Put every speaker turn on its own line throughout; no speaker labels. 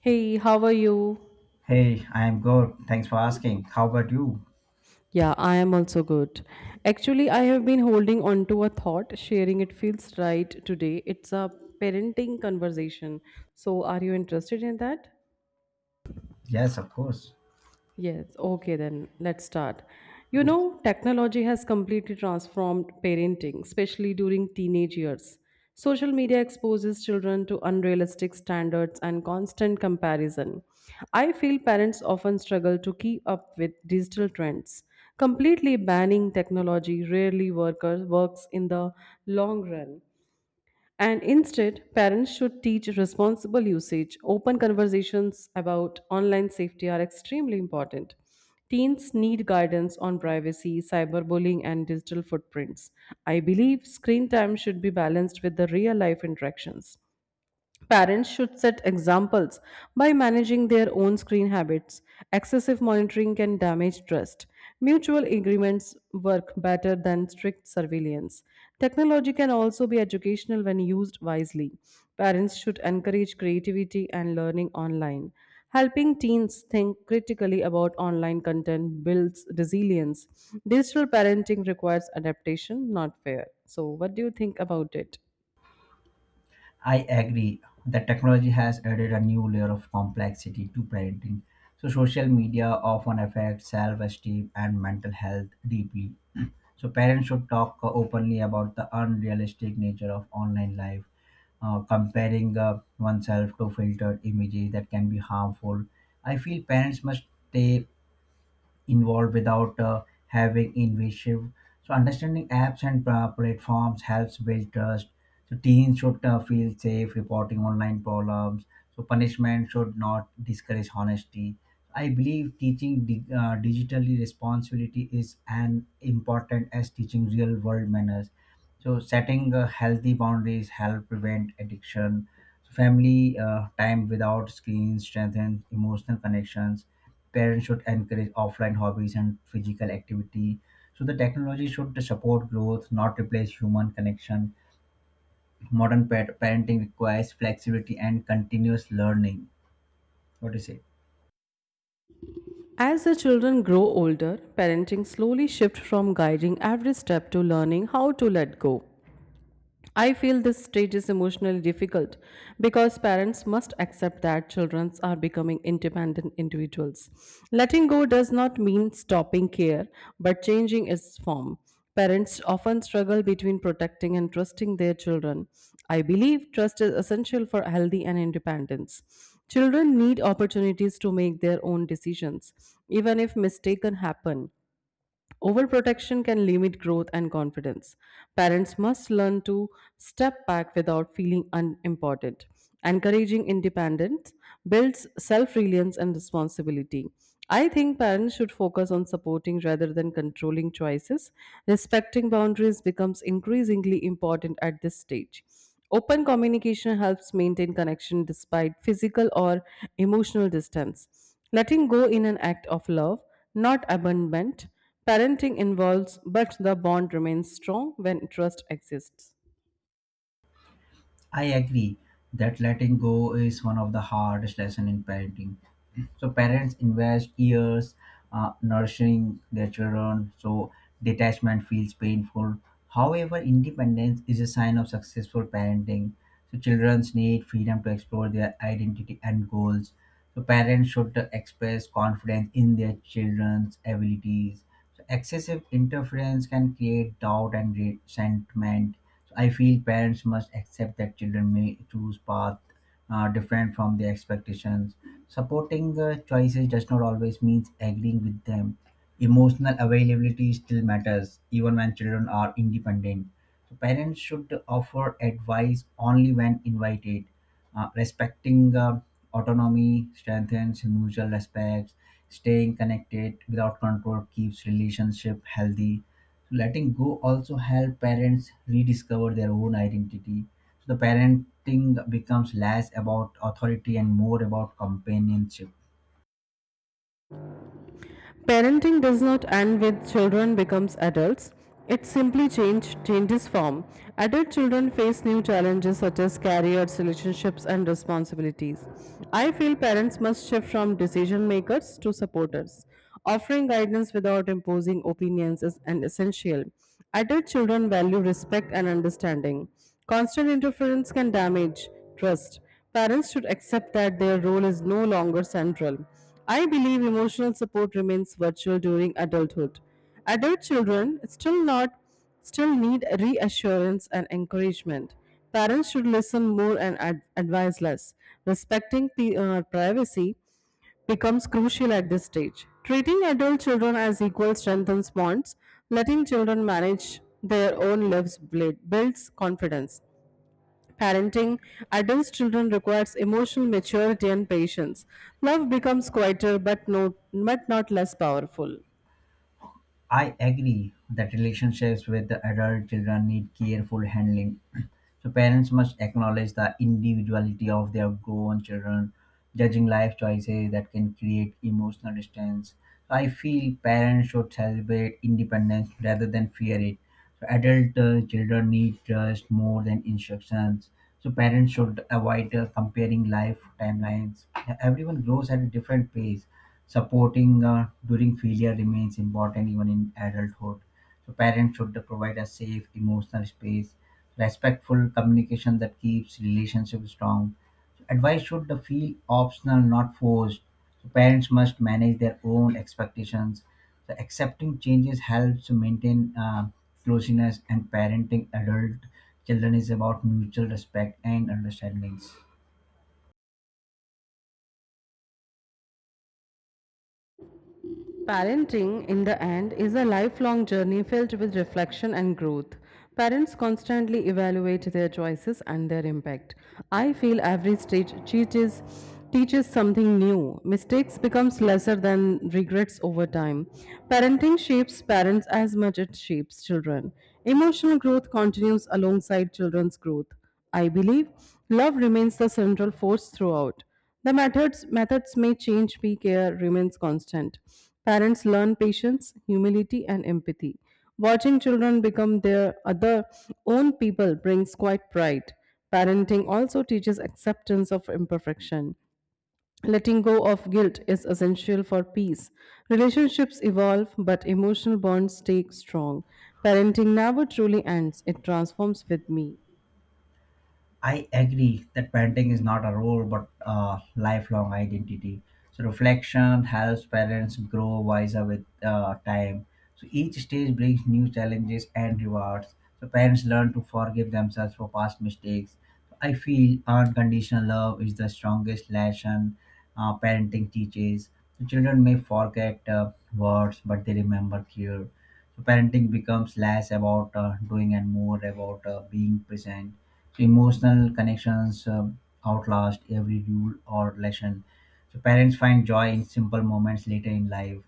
Hey, how are you?
Hey, I am good. Thanks for asking. How about you?
Yeah, I am also good. Actually, I have been holding on to a thought, sharing it feels right today. It's a parenting conversation. So, are you interested in that?
Yes, of course.
Yes, okay, then let's start. You know, technology has completely transformed parenting, especially during teenage years. Social media exposes children to unrealistic standards and constant comparison. I feel parents often struggle to keep up with digital trends. Completely banning works in the long run. And instead, parents should teach responsible usage. Open conversations about online safety are extremely important. Teens need guidance on privacy, cyberbullying, and digital footprints. I believe screen time should be balanced with the real life interactions. Parents should set examples by managing their own screen habits. Excessive monitoring can damage trust. Mutual agreements work better than strict surveillance. Technology can also be educational when used wisely. Parents should encourage creativity and learning online. Helping teens think critically about online content builds resilience. Digital parenting requires adaptation, not fear. So, what do you think about it?
I agree that technology has added a new layer of complexity to parenting. So, social media often affects self esteem and mental health deeply. So, parents should talk openly about the unrealistic nature of online life, comparing oneself to filtered images that can be harmful. I feel parents must stay involved without having invasive. So understanding apps and platforms helps build trust. So teens should feel safe reporting online problems. So punishment should not discourage honesty. I believe teaching digitally responsibility is an important as teaching real world manners. So setting healthy boundaries help prevent addiction, so family time without screens strengthens emotional connections. Parents should encourage offline hobbies and physical activity, so the technology should support growth, not replace human connection. Modern pet parenting requires flexibility and continuous learning. What do you say?
As the children grow older, parenting slowly shifts from guiding every step to learning how to let go. I feel this stage is emotionally difficult because parents must accept that children are becoming independent individuals. Letting go does not mean stopping care, but changing its form. Parents often struggle between protecting and trusting their children. I believe trust is essential for healthy and independence. Children need opportunities to make their own decisions, even if mistakes happen. Overprotection can limit growth and confidence. Parents must learn to step back without feeling unimportant. Encouraging independence builds self reliance and responsibility. I think parents should focus on supporting rather than controlling choices. Respecting boundaries becomes increasingly important at this stage. Open communication helps maintain connection despite physical or emotional distance. Letting go in an act of love, not abandonment. Parenting involves, but the bond remains strong when trust exists.
I agree that letting go is one of the hardest lessons in parenting. So parents invest years nurturing their children, so detachment feels painful. However, independence is a sign of successful parenting. So children need freedom to explore their identity and goals. So parents should express confidence in their children's abilities. So excessive interference can create doubt and resentment. So I feel parents must accept that children may choose path different from their expectations. Supporting choices does not always means agreeing with them. Emotional availability still matters, even when children are independent. So parents should offer advice only when invited. Respecting autonomy strengthens mutual respect. Staying connected without control keeps relationship healthy. So letting go also help parents rediscover their own identity. So the parenting becomes less about authority and more about companionship.
Parenting does not end with children becomes adults. It simply changes form. Adult children face new challenges such as careers, relationships, and responsibilities. I feel parents must shift from decision makers to supporters. Offering guidance without imposing opinions is an essential. Adult children value respect and understanding. Constant interference can damage trust. Parents should accept that their role is no longer central. I believe emotional support remains virtual during adulthood. Adult children still not still need reassurance and encouragement. Parents should listen more and advise less. Privacy becomes crucial at this stage. Treating adult children as equal strengthens bonds. Letting children manage their own lives builds confidence. Parenting adult children requires emotional maturity and patience. Love becomes quieter but, no, but not less powerful.
I agree that relationships with the adult children need careful handling. So parents must acknowledge the individuality of their grown children, judging life choices that can create emotional distance. So I feel parents should celebrate independence rather than fear it. So adult children need trust more than instructions. So parents should avoid comparing life timelines. Everyone grows at a different pace. Supporting during failure remains important even in adulthood. So parents should provide a safe emotional space, respectful communication that keeps relationships strong. So, advice should feel optional, not forced. So parents must manage their own expectations. So accepting changes helps to maintain closeness, and parenting adult children is about mutual respect and understandings.
Parenting, in the end, is a lifelong journey filled with reflection and growth. Parents constantly evaluate their choices and their impact. I feel every stage teaches something new. Mistakes becomes lesser than regrets over time. Parenting shapes parents as much it shapes children. Emotional growth continues alongside children's growth. I believe love remains the central force throughout. The methods may change, but care remains constant. Parents learn patience, humility, and empathy. Watching children become their other own people brings quite pride. Parenting also teaches acceptance of imperfection. Letting go of guilt is essential for peace. Relationships evolve, but emotional bonds stay strong. Parenting never truly ends, it transforms with me.
I agree that parenting is not a role but a lifelong identity. So reflection helps parents grow wiser with time. So each stage brings new challenges and rewards. So parents learn to forgive themselves for past mistakes. I feel unconditional love is the strongest lesson parenting teaches. So children may forget words, but they remember care. So parenting becomes less about doing and more about being present. Emotional connections outlast every rule or lesson. So parents find joy in simple moments later in life.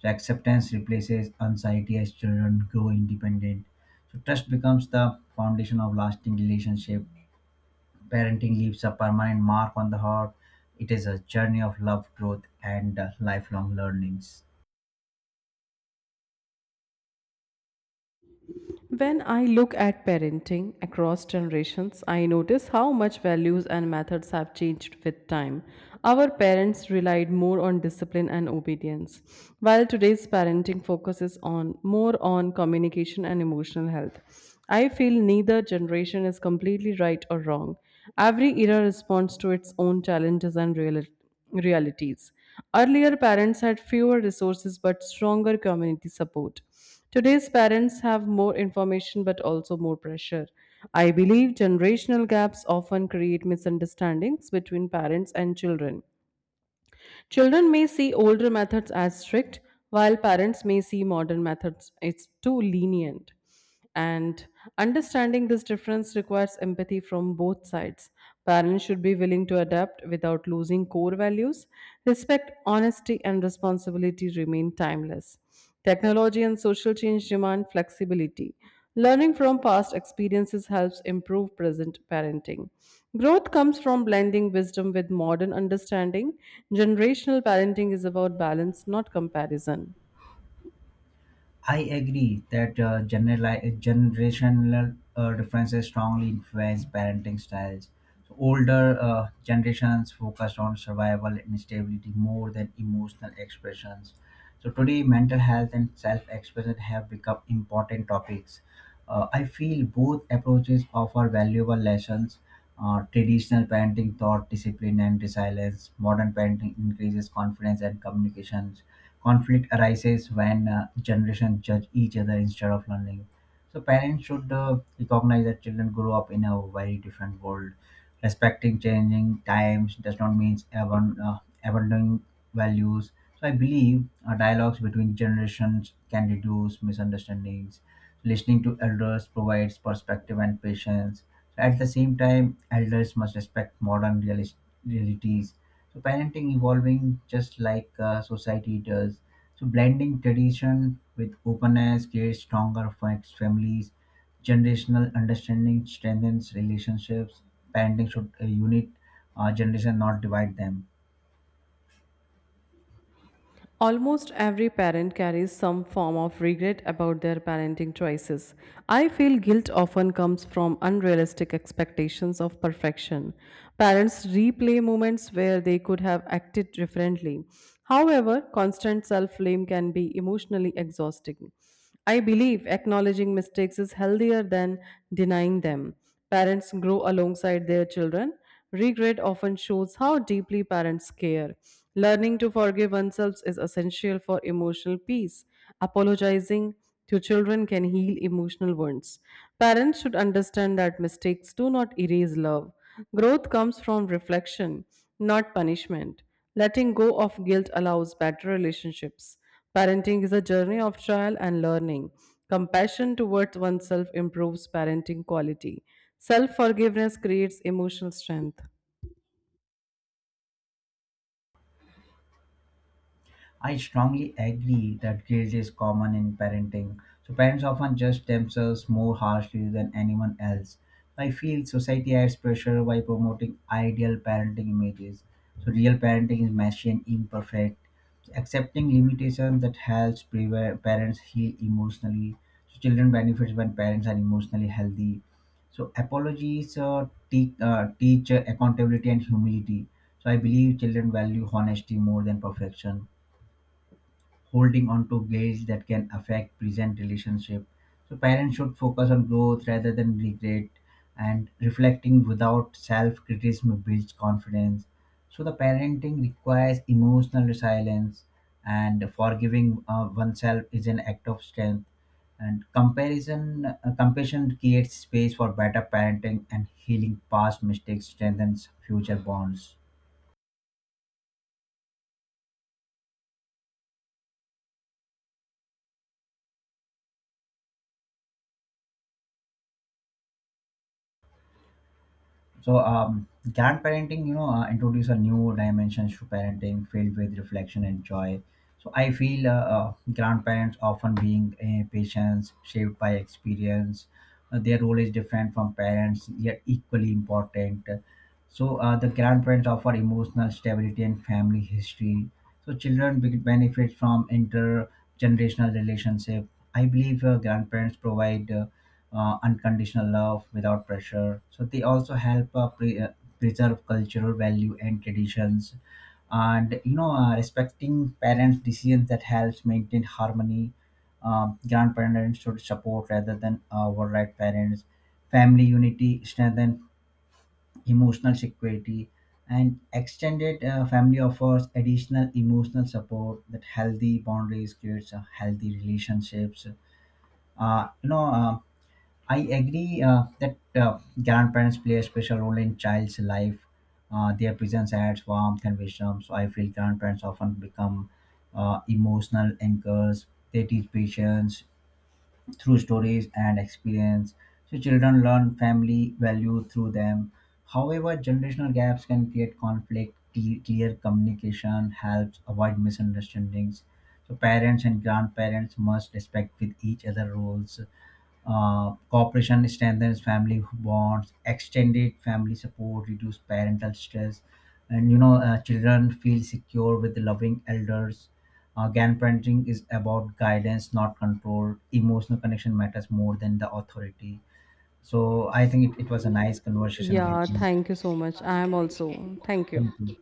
So acceptance replaces anxiety as children grow independent. So trust becomes the foundation of lasting relationship. Parenting leaves a permanent mark on the heart. It is a journey of love, growth, and lifelong learnings.
When I look at parenting across generations, I notice how much values and methods have changed with time. Our parents relied more on discipline and obedience, while today's parenting focuses on more on communication and emotional health. I feel neither generation is completely right or wrong. Every era responds to its own challenges and realities. Earlier, parents had fewer resources but stronger community support. Today's parents have more information but also more pressure. I believe generational gaps often create misunderstandings between parents and children. Children may see older methods as strict, while parents may see modern methods as too lenient. And understanding this difference requires empathy from both sides. Parents should be willing to adapt without losing core values. Respect, honesty, and responsibility remain timeless. Technology and social change demand flexibility. Learning from past experiences helps improve present parenting. Growth comes from blending wisdom with modern understanding. Generational parenting is about balance, not comparison.
I agree that generali- generational differences strongly influence parenting styles. So older generations focused on survival and stability more than emotional expressions. So today, mental health and self-expression have become important topics. I feel both approaches offer valuable lessons. Traditional parenting taught discipline and resilience. Modern parenting increases confidence and communication. Conflict arises when generations judge each other instead of learning. So parents should recognize that children grow up in a very different world. Respecting changing times does not mean abandoning values. So I believe dialogues between generations can reduce misunderstandings. Listening to elders provides perspective and patience. At the same time, elders must respect modern realities. So parenting evolving just like society does. So blending tradition with openness creates stronger families. Generational understanding strengthens relationships. Parenting should unite generation, not divide them.
Almost every parent carries some form of regret about their parenting choices. I feel guilt often comes from unrealistic expectations of perfection. Parents replay moments where they could have acted differently. However, constant self blame can be emotionally exhausting. I believe acknowledging mistakes is healthier than denying them. Parents grow alongside their children. Regret often shows how deeply parents care. Learning to forgive oneself is essential for emotional peace. Apologizing to children can heal emotional wounds. Parents should understand that mistakes do not erase love. Growth comes from reflection, not punishment. Letting go of guilt allows better relationships. Parenting is a journey of trial and learning. Compassion towards oneself improves parenting quality. Self forgiveness creates emotional strength.
I strongly agree that guilt is common in parenting. So parents often judge themselves more harshly than anyone else. I feel society adds pressure by promoting ideal parenting images. So real parenting is messy and imperfect. Accepting limitations that helps parents heal emotionally. So children benefits when parents are emotionally healthy. So apologies teach accountability and humility. So I believe children value honesty more than perfection. Holding on to guilt that can affect present relationship. So parents should focus on growth rather than regret, and reflecting without self-criticism builds confidence. So the parenting requires emotional resilience, and forgiving oneself is an act of strength. And comparison, compassion creates space for better parenting, and healing past mistakes strengthens future bonds. So, um, grand introduce a new dimensions to parenting filled with reflection and joy. So, I feel grandparents often being patients shaped by experience. Their role is different from parents, yet equally important. So, the grandparents offer emotional stability and family history. So, children benefit from intergenerational relationship. I believe grandparents provide unconditional love without pressure. So they also help preserve cultural value and traditions, and respecting parents' decisions that helps maintain harmony. Grandparents should support rather than override parents. Family unity strengthen emotional security, and extended family offers additional emotional support. That healthy boundaries creates healthy relationships. Uh, you know. Um, I agree that grandparents play a special role in child's life. Their presence adds warmth and wisdom. So I feel grandparents often become emotional anchors. They teach patience through stories and experience. So children learn family value through them. However, generational gaps can create conflict. Clear communication helps avoid misunderstandings. So parents and grandparents must respect with each other roles. Cooperation strengthens family bonds, extended family support, reduce parental stress, and children feel secure with loving elders. Grandparenting is about guidance, not control. Emotional connection matters more than the authority. So I think it was a nice conversation with
Yeah,
you.
thank you so much. I am also. Thank you.
Thank you.